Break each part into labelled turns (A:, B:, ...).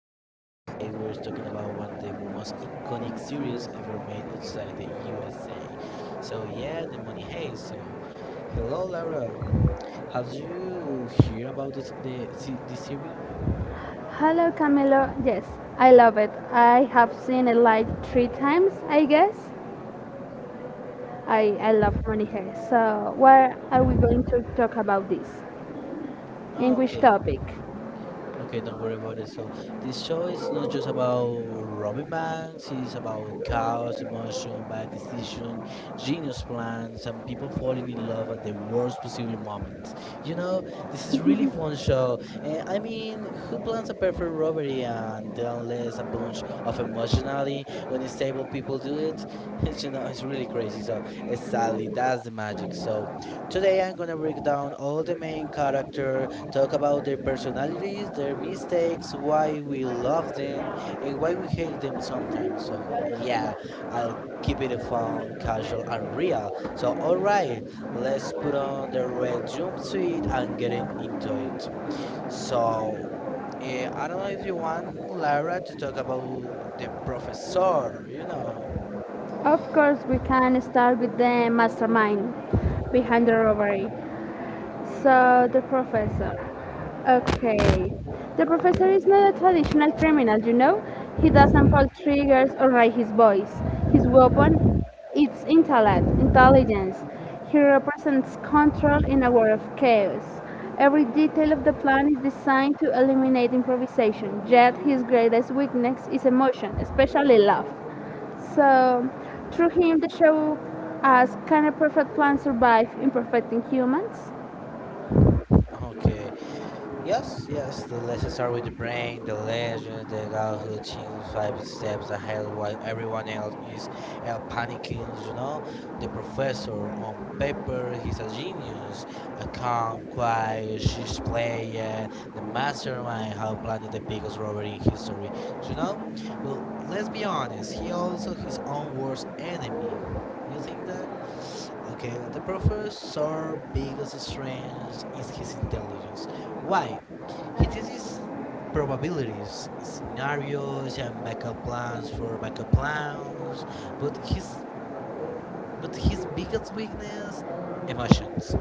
A: podcast. Today we're talking about one of the most iconic series ever made outside the USA. So yeah, the Money Heist. So, hello Laura, have you heard about this series?
B: Hello Camilo. Yes, I love it. I have seen it like three times, I guess. I love Money Hair. So, where are we going to talk about this? In which
A: Okay.
B: topic.
A: Okay, don't worry about it. So this show is not just about robbing banks, it's about chaos, emotion, bad decision, genius plans, and people falling in love at the worst possible moment. You know, this is really fun show. And I mean, who plans a perfect robbery and then lets a bunch of emotionally unstable people do it? It's really crazy. So sadly, that's the magic. So today I'm gonna break down all the main characters. Talk about their personalities, their mistakes, why we love them, and why we hate them sometimes. So, yeah, I'll keep it fun, casual, and real. So, alright, let's put on the red jumpsuit and into it. So, I don't know if you want Lara to talk about the professor,
B: Of course, we can start with the mastermind behind the robbery. So the professor. Okay. The professor is not a traditional criminal, you know? He doesn't pull triggers or raise his voice. His weapon is intellect, intelligence. He represents control in a world of chaos. Every detail of the plan is designed to eliminate improvisation, yet his greatest weakness is emotion, especially love. So, through him, the show asks, can a perfect plan survive imperfecting humans?
A: Okay. Yes, yes, the lessons start with the brain, the legend, the guy who thinks five steps ahead while everyone else is panicking, you know? The professor, on paper, he's a genius, a calm, quiet, she's play, the mastermind, how planning the biggest robbery in history, you know? Well, let's be honest, he also his own worst enemy. Do you think that? Okay, the professor's biggest strength is his intelligence. Why? He teaches probabilities, scenarios, and backup plans for backup plans. But his but his biggest weakness, emotions.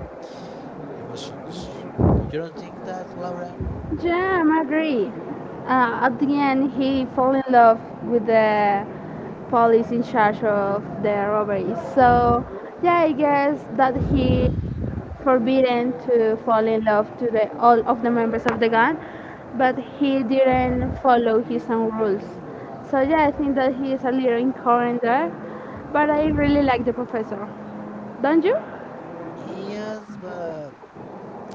A: Emotions. You don't think that, Laura?
B: Yeah, I agree. At the end, he fell in love with the police in charge of the robbery. So, yeah, I guess that he forbidden to fall in love to the all of the members of the gang, but he didn't follow his own rules. So yeah, I think that he is a little incoherent there, but I really like the professor. Don't you?
A: Yes, but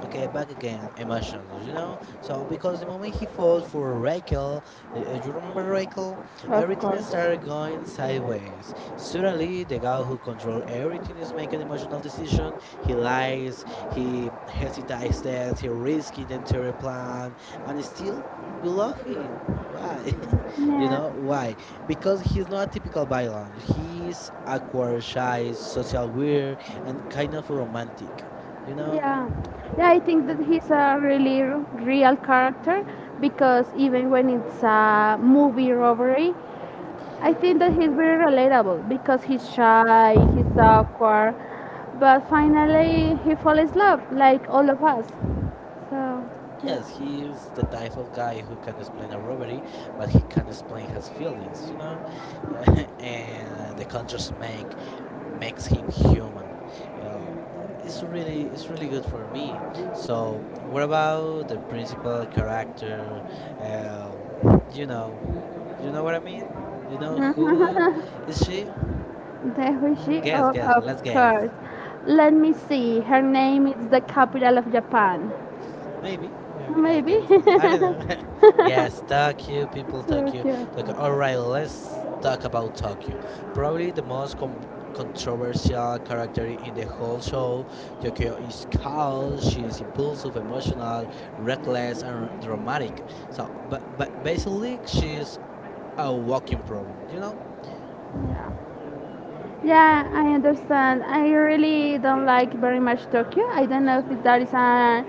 A: okay, back again, emotions, you know? So, because the moment he falls for Rachel, you remember Rachel?
B: Of
A: Everything
B: course.
A: started going sideways. Suddenly, the guy who controls everything is making emotional decision. He lies, he hesitates, he risks the entire plan, and still, we love him. Why?
B: Yeah.
A: Why? Because he's not a typical villain. He's awkward, shy, social, weird, and kind of romantic. You know?
B: Yeah, yeah, I think that he's a really real character because even when it's a movie robbery, I think that he's very relatable because he's shy, he's awkward, but finally he falls in love like all of us. So, yeah.
A: Yes, he is the type of guy who can explain a robbery, but he can explain his feelings, and the contrast makes him human. Uh, it's really good for me. So, what about the principal character? Um, you know, you know what I mean. You know
B: Mm-hmm.
A: who is she?
B: There we she,
A: Guess,
B: oh,
A: guess.
B: of
A: Let's guess.
B: course. Let me see. Her name is the capital of Japan.
A: Maybe, maybe, I
B: Maybe
A: guess. I don't know. Yes, Tokyo, people, Tokyo,
B: Tokyo.
A: Tokyo. All right, let's talk about Tokyo. Probably controversial character in the whole show. Tokyo is cold, she's impulsive, emotional, reckless, dramatic. So, but basically, she's a walking problem, you know?
B: Yeah. Yeah, I understand. I really don't like very much Tokyo. I don't know if that is a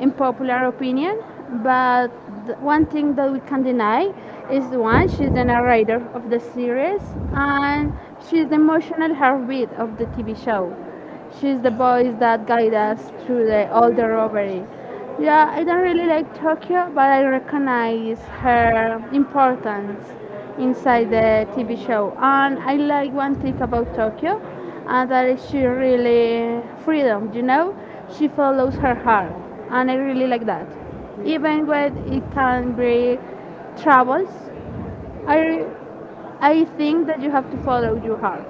B: unpopular opinion, but the one thing that we can deny is one, she's the narrator of the series, and she's the emotional heartbeat of the TV show. She's the
A: Yeah.
B: voice that guides us through the, all the robbery. Yeah, I don't really like Tokyo, but I recognize her importance inside the TV show. And I like one thing about Tokyo, and that is she really freedom, you know? She follows her heart, and I really like that. Even when it can be troubles, I, I think that you have to follow your heart.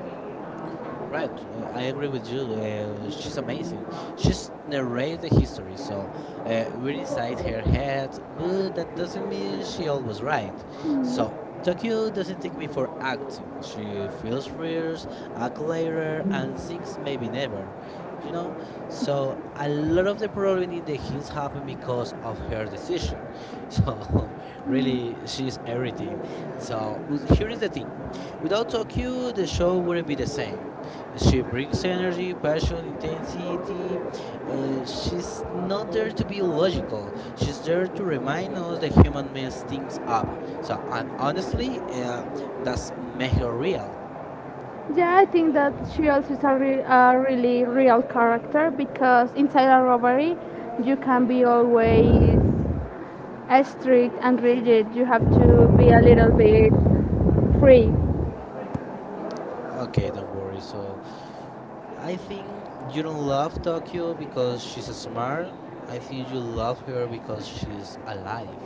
A: Right, I agree with you. She's amazing. She's narrates the history, so we're inside her head, but that doesn't mean she always right. So Tokyo doesn't think before acting. She feels fears, acts later, and thinks maybe never. You know, so a lot of the problem in the hills happened because of her decision. So really, she's everything. So, but here is the thing: without Tokyo, the show wouldn't be the same. She brings energy, passion, intensity. She's not there to be logical. She's there to remind us that human mess things up. So, and honestly, that's make her real.
B: Yeah, I think that she also is a, a really real character because inside a robbery, you can be always strict and rigid. You have to be a little bit free.
A: Okay, don't worry. So, I think you don't love Tokyo because she's smart. I think you love her because she's alive.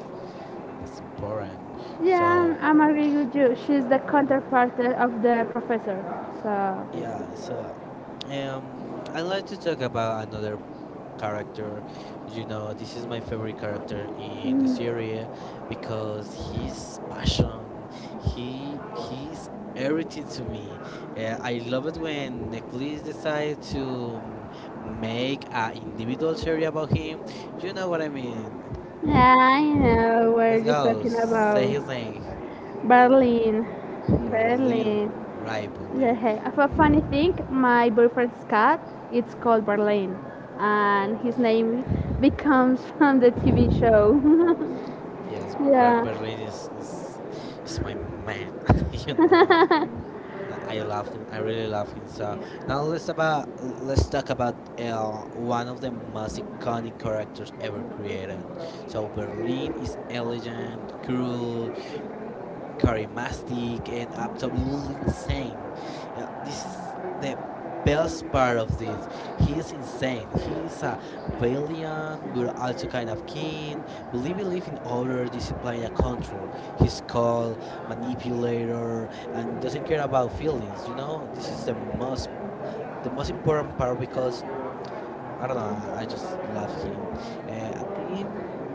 A: That's important.
B: Yeah,
A: So,
B: I'm agree with you. She's the counterpart of the professor. So.
A: yeah. So, I'd like to talk about another character. You know, this is my favorite character in the
B: Mm.
A: series because his passion, he's everything to me. I love it when Netflix decided to make an individual series about him. You know what I mean?
B: Yeah, I know what
A: Let's
B: you're
A: go.
B: talking about.
A: Say his name.
B: Berlin.
A: Berlin,
B: Berlin.
A: right?
B: Yeah,
A: Berlin.
B: hey. Of a funny thing, my boyfriend's cat, it's called Berlin. And his name becomes from the TV show.
A: Yes,
B: yeah.
A: Berlin is my man. you know. I love him. I really love him. So now let's talk about one of the most iconic characters ever created. So Berlin is elegant, cruel, charismatic, and absolutely insane. Yeah, this is the best part of this. He is insane. He is a valiant, but also kind of keen. But he believes in order, discipline, and control. He's cold, manipulator, and doesn't care about feelings. You know, this is the most important part because I don't know. I just love him. I think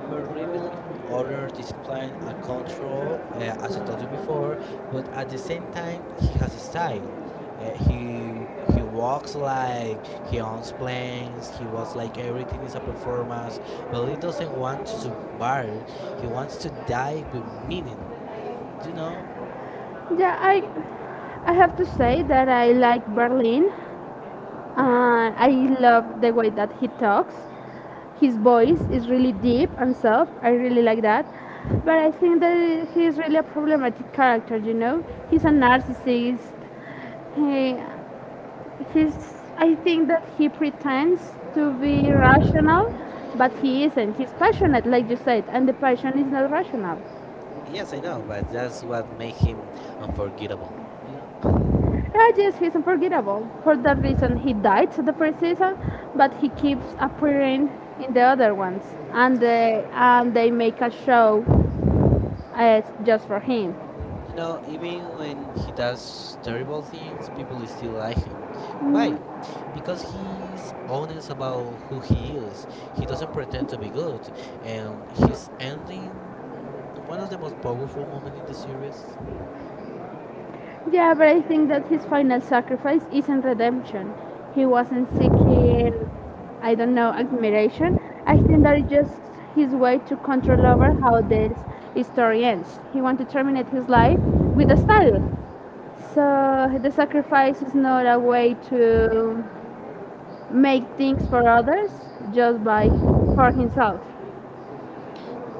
A: Berlin believes in order, discipline, a control, as I told you before. But at the same time, he has a style. Uh, he he walks like he owns planes. He walks like everything is a performance. But he doesn't want to survive. He wants to die with meaning. You know?
B: Yeah, I have to say that I like Berlin. And I love the way that he talks. His voice is really deep and soft. I really like that. But I think that he's really a problematic character, you know? He's a narcissist. He, he's, I think that he pretends to be rational, but he isn't. He's passionate, like you said, and the passion is not rational.
A: Yes, I know. But that's what makes him unforgettable. You know?
B: Yeah, yes, he's unforgettable. For that reason, he died the first season, but he keeps appearing in the other ones, and they make a show just for him.
A: You know, even when he does terrible things, people still like him. Why?
B: Mm.
A: Because he's honest about who he is. He doesn't pretend to be good. And his ending, mm, one of the most powerful moments in the series.
B: Yeah, but I think that his final sacrifice isn't redemption. He wasn't seeking, I don't know, admiration. I think that it's just his way to control over how this story ends. He wanted to terminate his life with a style. So the sacrifice is not a way to make things for others, just by for himself.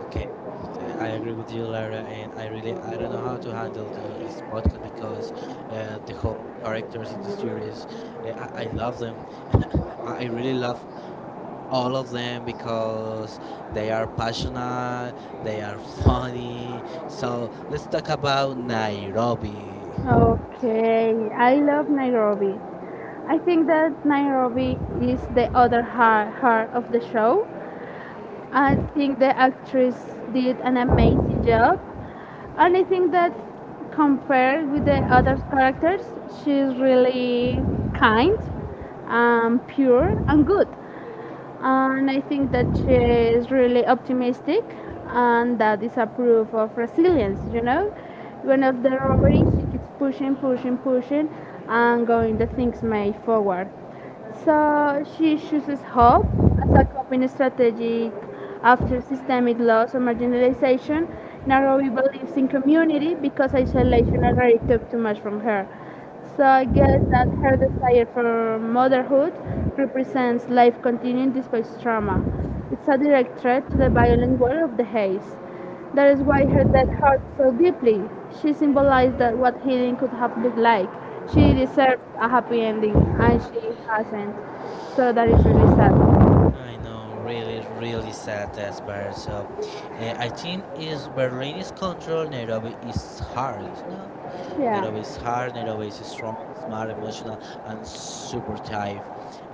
A: Okay, but, I agree with you, Lara. And I really, I don't know how to handle this podcast because the whole characters in this series, uh, I love them. I really love all of them because they are passionate, they are funny. So let's talk about Nairobi.
B: Okay, I love Nairobi. I think that Nairobi is the other heart of the show. I think the actress did an amazing job. And I think that compared with the other characters, she's really kind, pure, and good. And I think that she is really optimistic, and that is a proof of resilience, you know? When of the robbery, she keeps pushing, and going the things may forward. So she chooses hope as a coping strategy after systemic loss or marginalization. Nairobi believes in community because isolation already took too much from her. So I guess that her desire for motherhood represents life continuing despite trauma. It's a direct threat to the violent world of the haze. That is why her death hurt so deeply. She symbolized that what healing could have looked like. She deserves a happy ending, and she hasn't. So that is really sad.
A: I know, really, really sad that part. So I think is Berlin is control, Nairobi is hard, you know. Nairobi is hard, Nairobi is strong, smart, emotional, and super tough.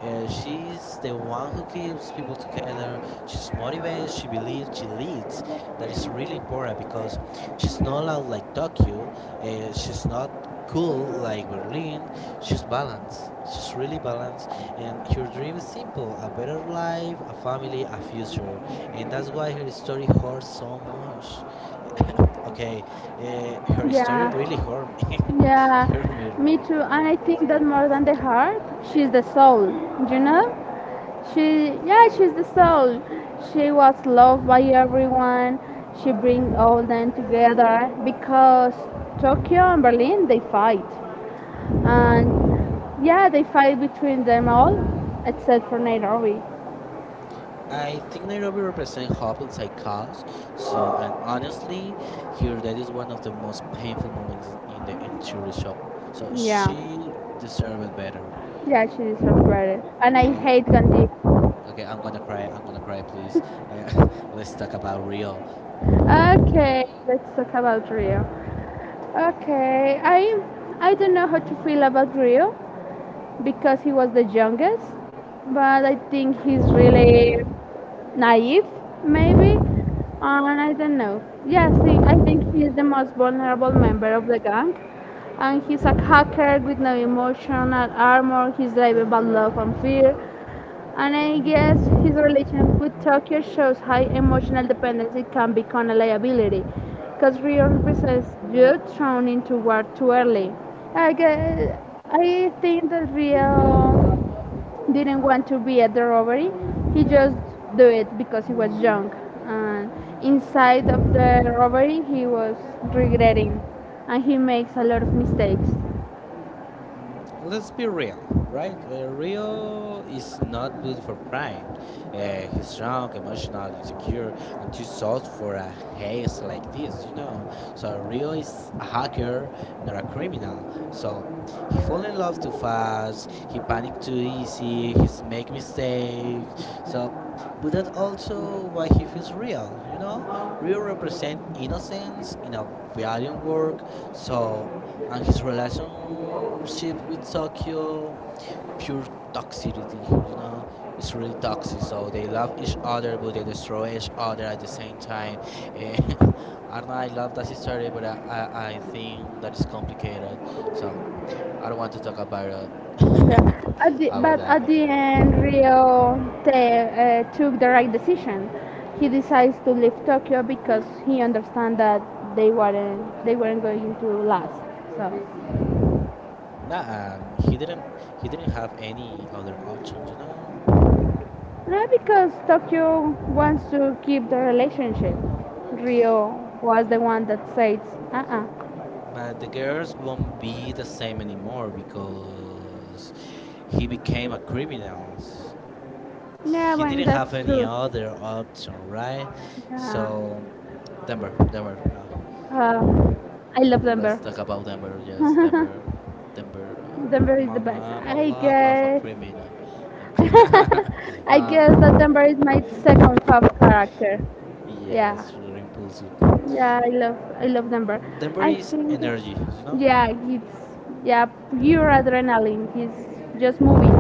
A: She's the one who keeps people together. She's motivated, she believes, she leads. That is really important because she's not loud like Tokyo, she's not cool like Berlin. She's balanced. She's really balanced, and her dream is simple: a better life, a family, a future. And that's why her story hurts so much. Okay, her story
B: Yeah.
A: really hurt me.
B: Yeah,
A: Hurt me
B: me
A: really.
B: too. And I think that more than the heart, she's the soul, you know? Yeah, she's the soul. She was loved by everyone. She bring all them together because Tokyo and Berlin they fight, and yeah, they fight between them all, except for Nairobi.
A: I think Nairobi represents hope inside chaos. So, and honestly, here that is one of the most painful moments in the entire show. So
B: Yeah,
A: she deserved better.
B: yeah, she deserves better. And I
A: Okay,
B: hate Gandhi.
A: okay, I'm gonna cry. I'm gonna cry, please. Let's talk about real.
B: Okay, let's talk about Rio. Okay, I don't know how to feel about Rio because he was the youngest, but I think he's really naive maybe. And I don't know, yeah, i think he is the most vulnerable member of the gang, and he's a hacker with no emotional armor. He's driven by love and fear, and I guess his relation with tokyo shows how emotional dependency can become a liability, because rio represents youth thrown into war too early, I guess. I think that rio didn't want to be at the robbery. He just do it because he was young. And inside of the robbery, he was regretting, and he makes a lot of mistakes.
A: Mm, let's be real, right? Rio is not good for crime. He's strong, emotional, insecure, and too soft for a haze like this, you know. So Rio is a hacker, not a criminal. So he fall in love too fast. He panic too easy. He's make mistakes. So, but that also why he feels real, you know. Rio represent innocence in a valiant work. So and his relationship with Tokyo, pure toxicity. You know, it's really toxic. So they love each other, but they destroy each other at the same time. And I don't know. I love that story, but I think that is complicated. So I don't want to talk about it
B: Yeah. At the,
A: about
B: but
A: that
B: at the end,
A: anymore.
B: Rio took the right decision. He decides to leave Tokyo because he understands that they weren't going to last. So.
A: Nah, he didn't have any other options. You know,
B: No, because Tokyo wants to keep the relationship. Rio was the one that says, uh uh
A: but the girls won't be the same anymore because he became a criminal.
B: yeah,
A: He
B: when
A: didn't have
B: that's
A: any
B: true.
A: other option, right?
B: Yeah.
A: So Denver.
B: Uh, I love
A: Let's
B: Denver.
A: talk about Denver. Yes, Denver.
B: Denver is the best.
A: Mama, I'm a
B: I
A: love of a
B: guess.
A: criminal.
B: I
A: uh,
B: guess that Denver is my second fav character. Yeah.
A: yes, very impulsive.
B: Yeah, I love Denver.
A: Denver
B: I
A: is
B: think
A: energy, you know.
B: yeah, it's yeah, pure adrenaline. He's just moving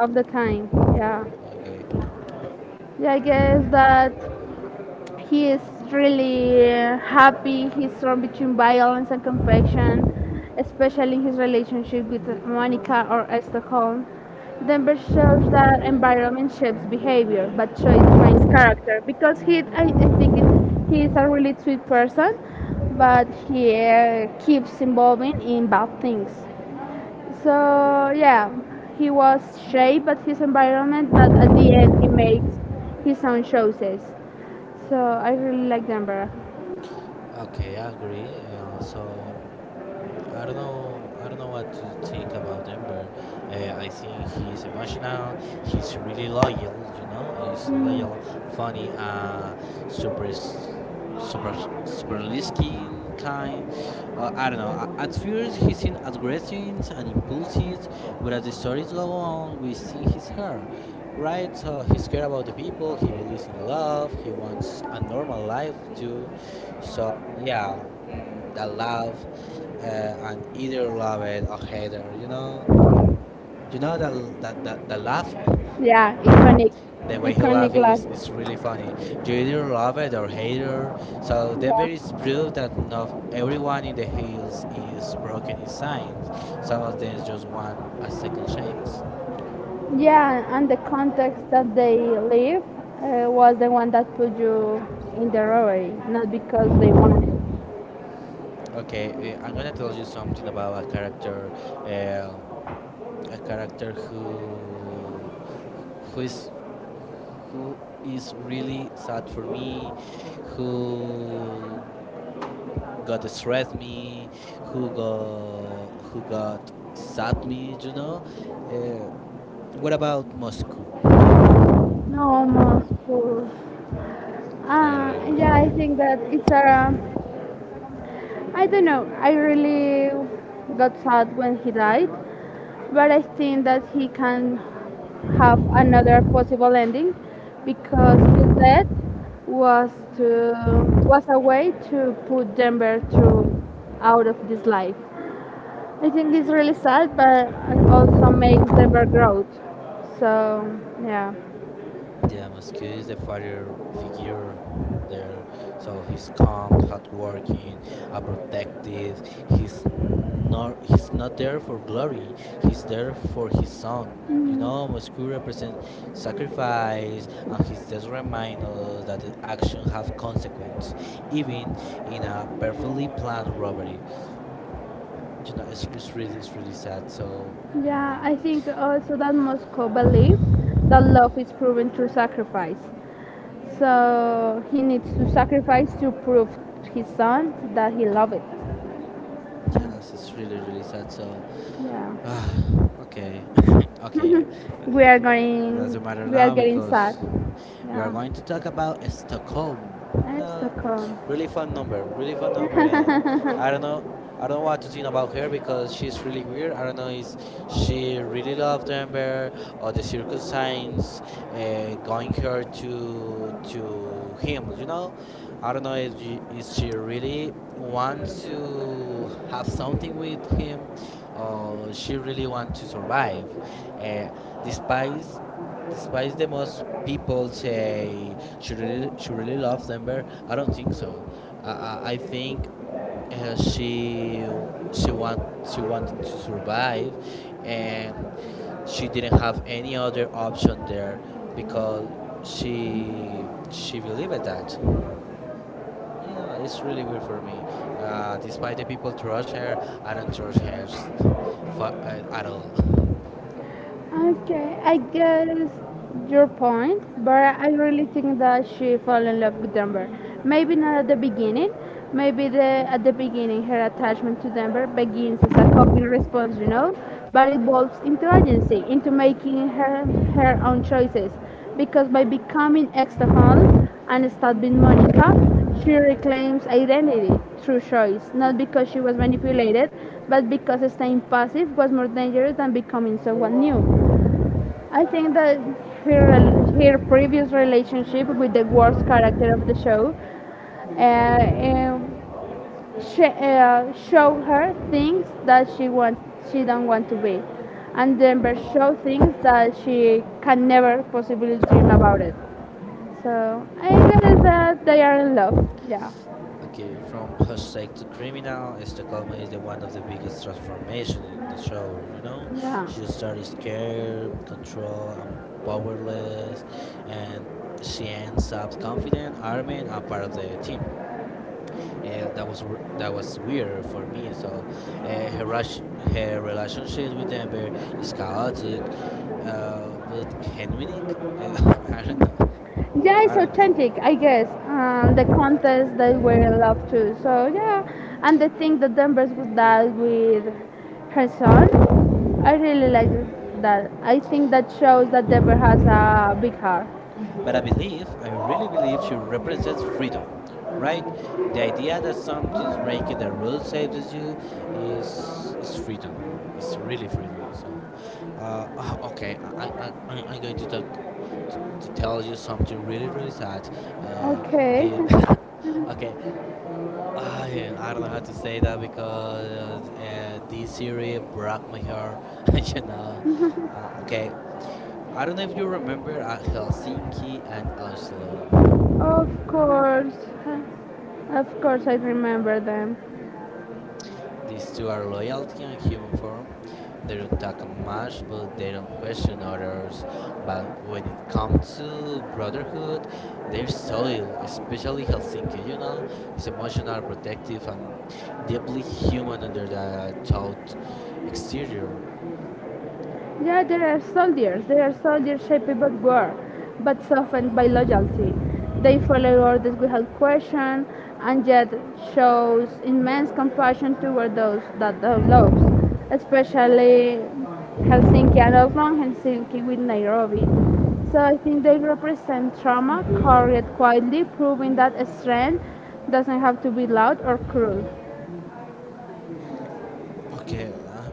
B: all the time. Yeah.
A: Okay,
B: Yeah, I guess that he is really happy. He's strong between violence and compassion, especially in his relationship with Monica or Stockholm. Denver shows that environment shapes behavior, but choice defines character. Because he, I think it, he is a really sweet person, but he keeps involving in bad things. So yeah, he was shaped by his environment, but at the end he makes his own choices. So I really like Denver.
A: okay, I agree. So mm, I don't know. I don't know what to think about Denver. I think he's emotional. He's really loyal. You know, he's loyal,
B: Mm.
A: funny, super, s- super, super listening kind. I don't know. At first, he seems aggressive and impulsive, but as the stories go on, we see his hair. Right, so he's care about the people. He believes in love. He wants a normal life too, so yeah, mm, the love and either love it or hate her. You know that the laugh,
B: Yeah, iconic,
A: the way he laugh
B: iconic
A: is
B: last.
A: is really funny. You either love it or hate her. So Denver is
B: Yeah.
A: proof that not everyone in the hills is broken in signs. Some of them just want a second chance.
B: Yeah, and the context that they live was the one that put you in the robbery, not because they wanted.
A: Okay, I'm gonna tell you something about a character. Um, a character who is who is really sad for me, who got stressed me, who got sad me, you know. Uh, what about Moscow?
B: No, almost full.
A: And I
B: Yeah, I think that it's a. I don't know. I really got sad when he died, but I think that he can have another possible ending because his death was was a way to put Denver to out of this life. I think it's really sad, but also makes Denver grow. So yeah.
A: yeah, Moscow is the father figure there. So he's calm, hardworking, protective. He's not there for glory. He's there for his son. You know, Moscow represents sacrifice, and he just reminds us that the action have consequence, even in a perfectly planned robbery. You know, it's really sad. So.
B: Yeah, I think also that Moscow believes that
A: Mm,
B: love is proven through sacrifice. So he needs to sacrifice to prove his son that he loves it.
A: yes, it's really really sad. So,
B: Yeah.
A: ah, okay, okay,
B: we are
A: it
B: going
A: doesn't matter
B: we are
A: now
B: getting sad,
A: because we are
B: yeah.
A: going to talk about Stockholm. You know,
B: Stockholm
A: really fun number, and I don't know, I don't know what to think about her because she's really weird. I don't know if she really loved Amber or the circus signs going her to him. I don't know if she really wants to have something with him or she really wants to survive. Uh, despite despite the most people say she really loves Denver, I don't think so. I think uh, she she want she wanted to survive, and she didn't have any other option there because she believed that. You know, it's really weird for me. Despite the people trust her, I don't trust her s- for, at all.
B: Okay, I guess your point, but I really think that she fell in love with Denver. Maybe not at the beginning. Maybe the at the beginning her attachment to Denver begins as a coping response, you know, but evolves into agency, into making her own choices. Because by becoming extra home and start Monica, she reclaims identity through choice, not because she was manipulated, but because staying passive was more dangerous than becoming someone new. I think that her, her previous relationship with the worst character of the show uh, um, showed her things that she don't want to be, and Denver showed things that she can never possibly dream about it. So I guess that they are in love. Yeah,
A: Okay, from Hashtag to Criminal, Estacoma is the one of the biggest transformation in the show, you know? She
B: yeah.
A: started scared, controlled, and powerless, and she ends up confident, armed, and part of the team. That was weird for me. So, her rush, her relationship with Denver is chaotic, but genuine. I don't know.
B: yeah, it's
A: I don't.
B: authentic, I guess. The contents that we're in love too, so yeah. And the thing that denver's with that with her son, I really like that. I think that shows that denver has a big heart.
A: But I believe, I really believe she represents freedom, right? The idea that something's breaking the rules saves you is freedom. It's really freedom. So, okay, I'm going to talk to tell you something really, really sad. Uh,
B: Okay.
A: the okay, I don't know how to say that because this series broke my heart. you know, okay, I don't know if you remember at Helsinki and Oslo.
B: of course of course I remember them.
A: These two are loyalty and human form. They don't talk much, but they don't question others. But when it comes to brotherhood, their soil, especially Helsinki, you know, is emotional, protective, and deeply human under the taut exterior.
B: Yeah, there are soldiers. They are soldiers shaped by war, but softened by loyalty. They follow orders without question, and yet shows immense compassion toward those that they love, especially Helsinki and Oslo, Helsinki with Nairobi. So I think they represent trauma carried quietly, proving that strength doesn't have to be loud or cruel.
A: Okay,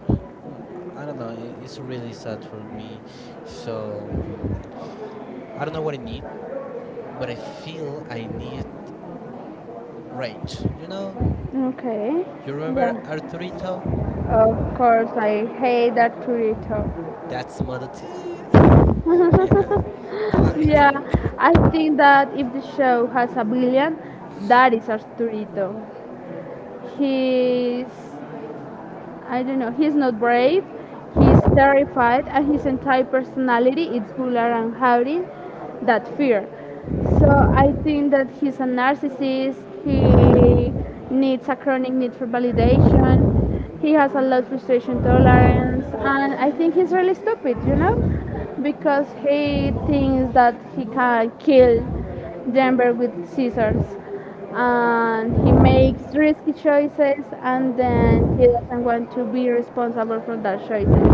A: no, I don't know. I- It's really sad for me. So, I don't know what I need but I feel I need range. You know,
B: Okay.
A: you remember
B: Yeah.
A: Arturito?
B: Of course, I hate that Torito.
A: That's mother too. you know.
B: yeah, I think that if the show has a billion, that is Arturito. He's I don't know. He's not brave. He's terrified, and his entire personality is buller and hiding that fear. So I think that he's a narcissist. He needs a chronic need for validation. He has a low frustration tolerance, and I think he's really stupid. You know, because he thinks that he can kill Denver with scissors, and he makes risky choices and then he doesn't want to be responsible for those choices.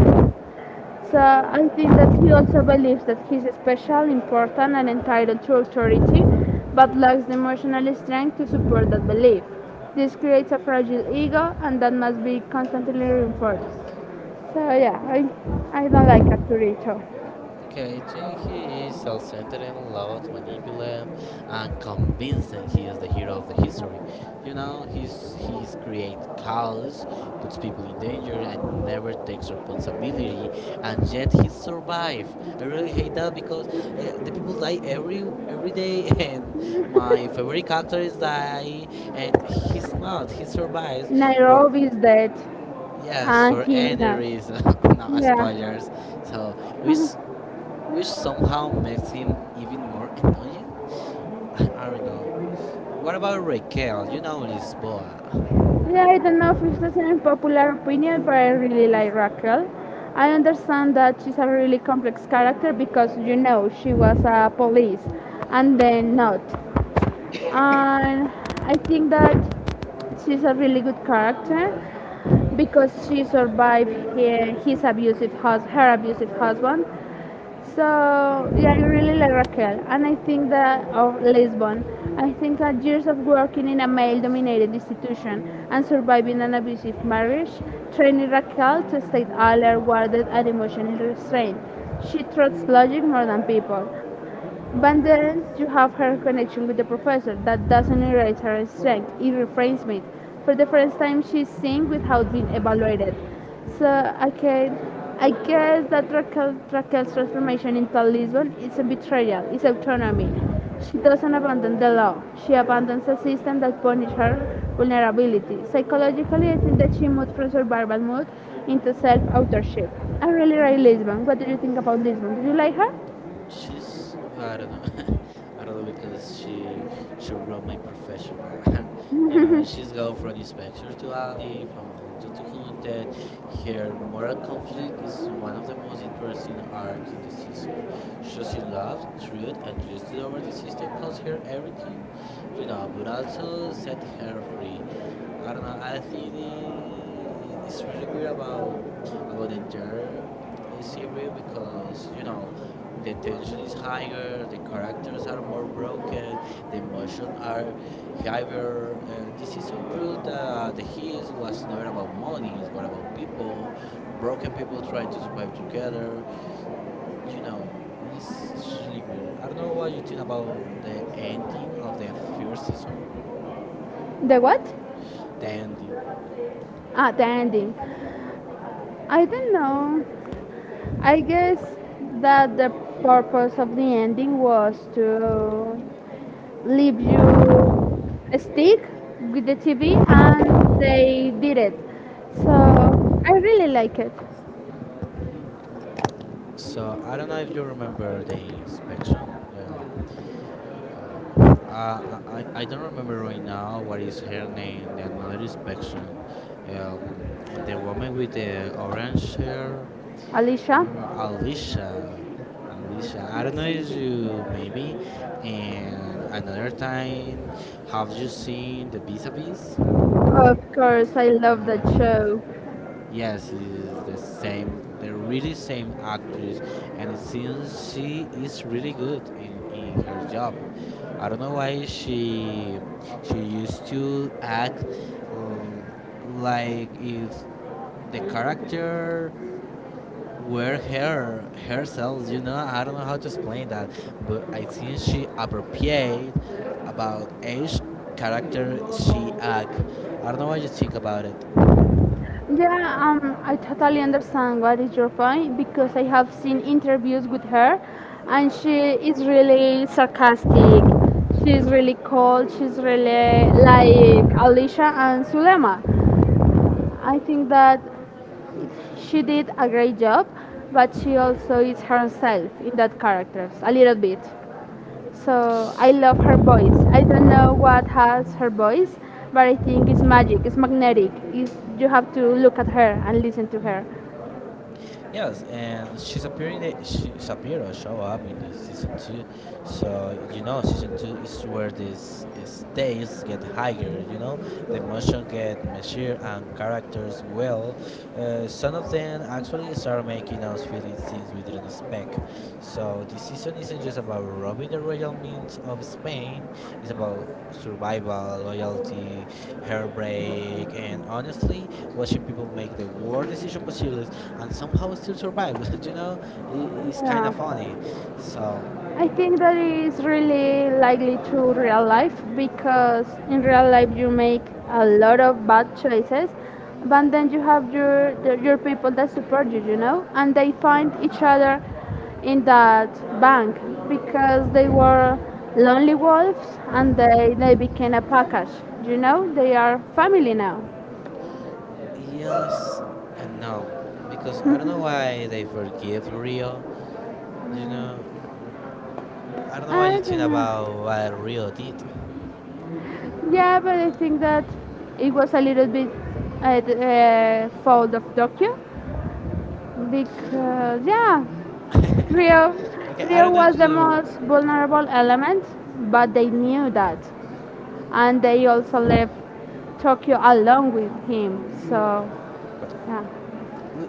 B: So I think that he also believes that he's special, important, and entitled to authority, but lacks the emotional strength to support that belief. This creates a fragile ego, and that must be constantly reinforced. So yeah, I don't like Arturito.
A: Okay, I think he is self-centered and loud, manipulative, and convincing he is the hero of the history. You know, he's create chaos, puts people in danger, and never takes responsibility. And yet he survive. I really hate that because the people die every day, and my favorite character is die, and he's not. He survives for
B: Nairobi is dead,
A: yes
B: and
A: for
B: he
A: any
B: not.
A: reason, not
B: Yeah.
A: spoilers. So which which somehow makes him even more annoying. I don't know. What about Raquel? You know Lisboa.
B: Yeah, I don't know if it's an unpopular opinion, but I really like Raquel. I understand that she's a really complex character because you know she was a police and then not. And I think that she's a really good character because she survived her abusive husband. So yeah, I really like Raquel, and I think that of Lisbon. I think that years of working in a male-dominated institution and surviving an abusive marriage trained Raquel to stay alert, guarded, and emotionally restrained. She trusts logic more than people. But then you have her connection with the professor that doesn't erase her strength, it reframes it. For the first time, she's seen without being evaluated. So, okay, I guess that Raquel's transformation into Lisbon is a betrayal, it's autonomy. She doesn't abandon the law, she abandons a system that punishes her vulnerability. Psychologically, I think that she moved from survival mode into self authorship. I really like Lisbon. What do you think about Lisbon? Do you like her?
A: She's I don't know, I don't know because she robbed my profession. you know, she's go from inspector to alley, from junta to hunted. Her moral conflict is one of the most interesting arcs in the season. Choosing love, truth, and justice over the system cost her everything, you know, but also set her free. I don't know. I think I- it's really weird about the entire series because you know the tension is higher, the characters are more broken, the emotion are higher. This season proved that the his was never about money, it was about people, broken people trying to survive together. You know, it's really weird. I don't know what you think about the ending of the first season,
B: The what?
A: the ending.
B: Ah, the ending. I don't know. I guess that the purpose of the ending was to leave you stick with the TV, and they did it. So I really like it.
A: So I don't know if you remember the inspection. Uh, Oh. I don't remember right now what is her name. The another inspection, um, the woman with the orange hair.
B: Alicia,
A: Remember Alicia, Alicia. I don't know if you maybe, and another time, have you seen the vis-a-vis?
B: of course, I love
A: Okay.
B: that show.
A: Yes, it is the same, the really same actress, and it seems she is really good in her job. I don't know why she used to act uh, like if the character were her herself. You know, I don't know how to explain that, but I think she appropriate about each character she act. I don't know what you think about it.
B: Yeah, I totally understand what is your point because I have seen interviews with her and she is really sarcastic. She's really cold. She's really like Alicia and Sulema. I think that she did a great job, but she also is herself in that characters a little bit. So I love her voice. I don't know what has her voice, but I think it's magic. It's magnetic. It's, you have to look at her and listen to her.
A: Yes, and she's appearing. The, she, Shapiro show up in the season two, so you know season two is where this stakes get higher. You know the emotion get measured and characters well. Some of them actually start making us feeling things we didn't expect. So this season isn't just about robbing the royal means of Spain. It's about survival, loyalty, heartbreak, and honestly, watching people make the worst decision possible and somehow still survive, you know, I it's kind of
B: Yeah,
A: funny. So,
B: I think that is really likely to real life because in real life you make a lot of bad choices, but then you have your people that support you, you know, and they find each other in that bank because they were lonely wolves and they became a package, you know. They are family now.
A: yes and no, because I don't know why they forgive Rio, you know, r- I don't know what
B: I
A: you think
B: don't
A: about
B: know.
A: what Rio did.
B: Yeah, but I think that it was a little bit the fault of Tokyo, because yeah, rio
A: Okay, I
B: rio
A: don't know if
B: was the
A: you,
B: most vulnerable element, but they knew that and they also left tokyo along with him, so
A: but
B: yeah.
A: we,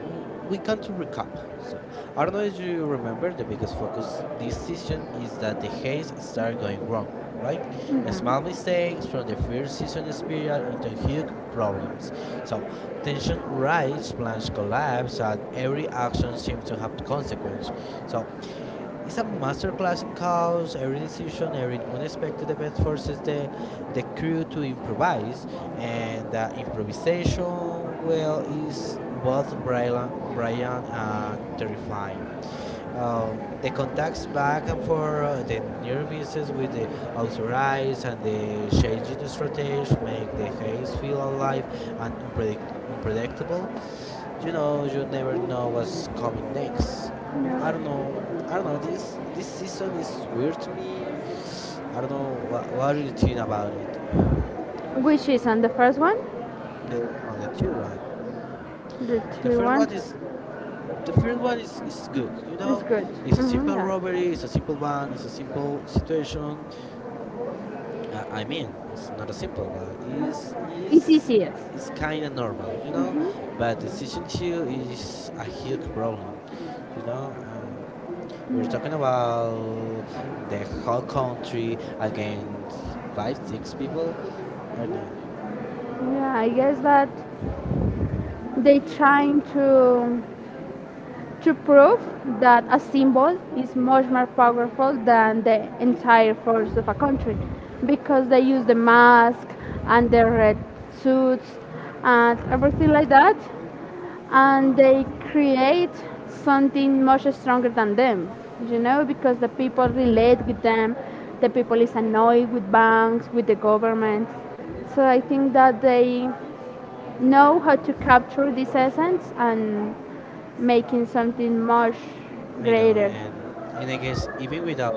A: we come to recap. So, I don't know if you remember, the biggest focus this season is that the haze started going wrong, right? Small mistakes
B: Mm-hmm.
A: from the first season spiral into huge problems. So, tension rise, plans collapse, and every action seems to have consequence. So, it's a masterclass in chaos. Every decision, every unexpected event forces the crew to improvise, and the improvisation, well, is both brilliant and terrifying. The contacts back and forth, the near misses with the authorized, and the changing strategies make the haze feel alive and unpredictable. You know, you never know what's coming next. I don't know. I don't know. This season is weird to me. I don't know. What do you think about it?
B: Which is on the first one?
A: The oh, the 2-1.
B: The
A: The
B: two
A: first one
B: ones
A: is the first one is good. You know,
B: is good.
A: it's a
B: Hmm,
A: simple
B: yeah,
A: robbery. It's a simple one. It's a simple situation. I mean, it's not a simple, but it's
B: it's easiest.
A: is kind of normal. You know, but the season two is a huge problem. You know. We're talking about the whole country against five, six people. I don't know.
B: Yeah, I guess that they trying to prove that a symbol is much more powerful than the entire force of a country, because they use the mask and the red suits and everything like that, and they create something much stronger than them, you know, because the people relate with them. The people is annoyed with banks, with the government. So I think that they know how to capture this essence and making something much
A: I know,
B: greater.
A: and in a case, even without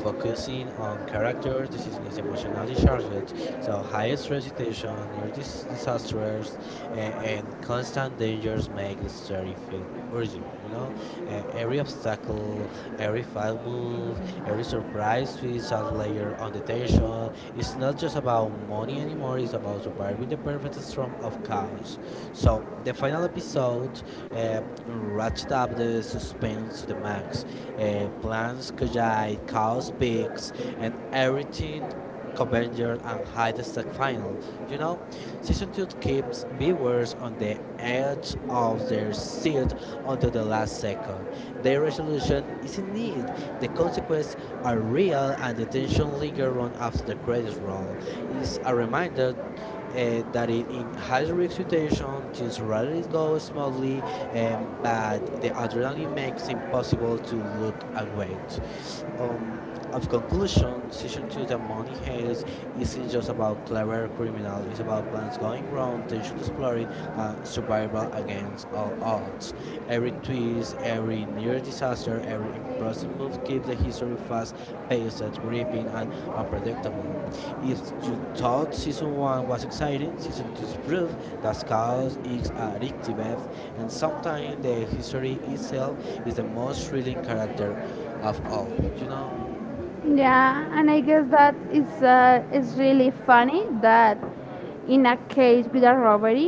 A: focusing on characters, the season is emotionally charged, so high stress situation, disasters, and constant dangers make the story feel urgent. You know, every obstacle, every foul move, every surprise twist a layer on the tension. It's not just about money anymore; it's about surviving the perfect storm of chaos. So the final episode ratchet up the suspense to the max. Plans collide, chaos peaks, and everything converges and high the stack final. You know, season two keeps viewers on the edge of their seat until the last second. The resolution is in need. The consequences are real, and the tension lingers long after the credits roll. Is a reminder that in high risk things rarely go smoothly, but the adrenaline makes it impossible to look away. Um, of conclusion, season two, The Money Heist isn't just about clever criminal. It's about plans going wrong, tension exploring, survival against all odds. Every twist, every near disaster, every impressive move keeps the history fast, paced, gripping, and unpredictable. If you thought season 1 was exciting, season 2 proved that chaos is addictive and sometimes the history itself is the most thrilling character of all. You know?
B: Yeah, and I guess that is really funny that in a case with a robbery,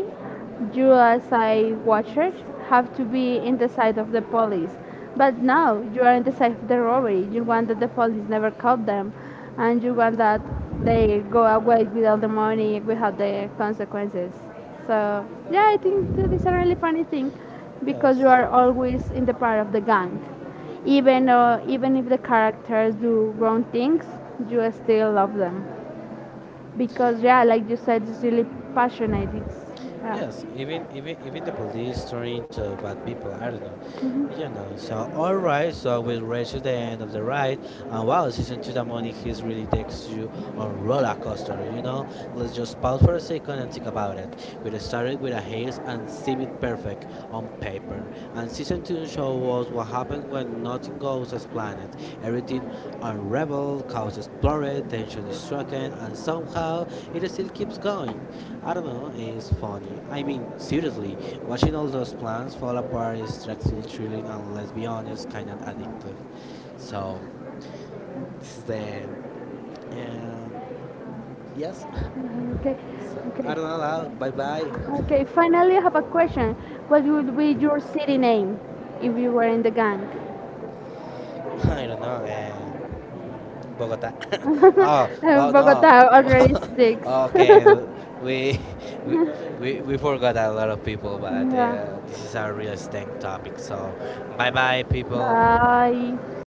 B: you as a watcher have to be in the side of the police. But now you are in the side of the robbery. You want that the police never caught them and you want that they go away with all the money without the consequences. So yeah, I think that is a really funny thing because you
A: Yes.
B: are always in the part of the gang. Even even if the characters do wrong things, you still love them because yeah, like you said, it's really passionate, it's yeah.
A: Yes, even the police turn into bad people. I don't know. You know. So all right. So we reach to the end of the ride, and wow, season two, the money he's really takes you on roller coaster. You know. Let's just pause for a second and think about it. We started with a haze and seemed perfect on paper, and season two show us what happens when nothing goes as planned. Everything unraveled, chaos exploded, tension is stricken, and somehow it still keeps going. I don't know, it's funny. I mean, seriously, watching all those plans fall apart is stressful, thrilling, and let's be honest, kind of addictive. So, this is the. Um, yes.
B: Okay.
A: So,
B: Okay.
A: I don't know, bye bye.
B: Okay, finally I have a question. What would be your city name if you were in the gang?
A: I don't know, Bogota. oh, oh no.
B: Bogota already sticks.
A: okay, we, we we forgot a lot of people, but
B: Yeah,
A: this is a real stank topic. So, bye bye, people.
B: bye.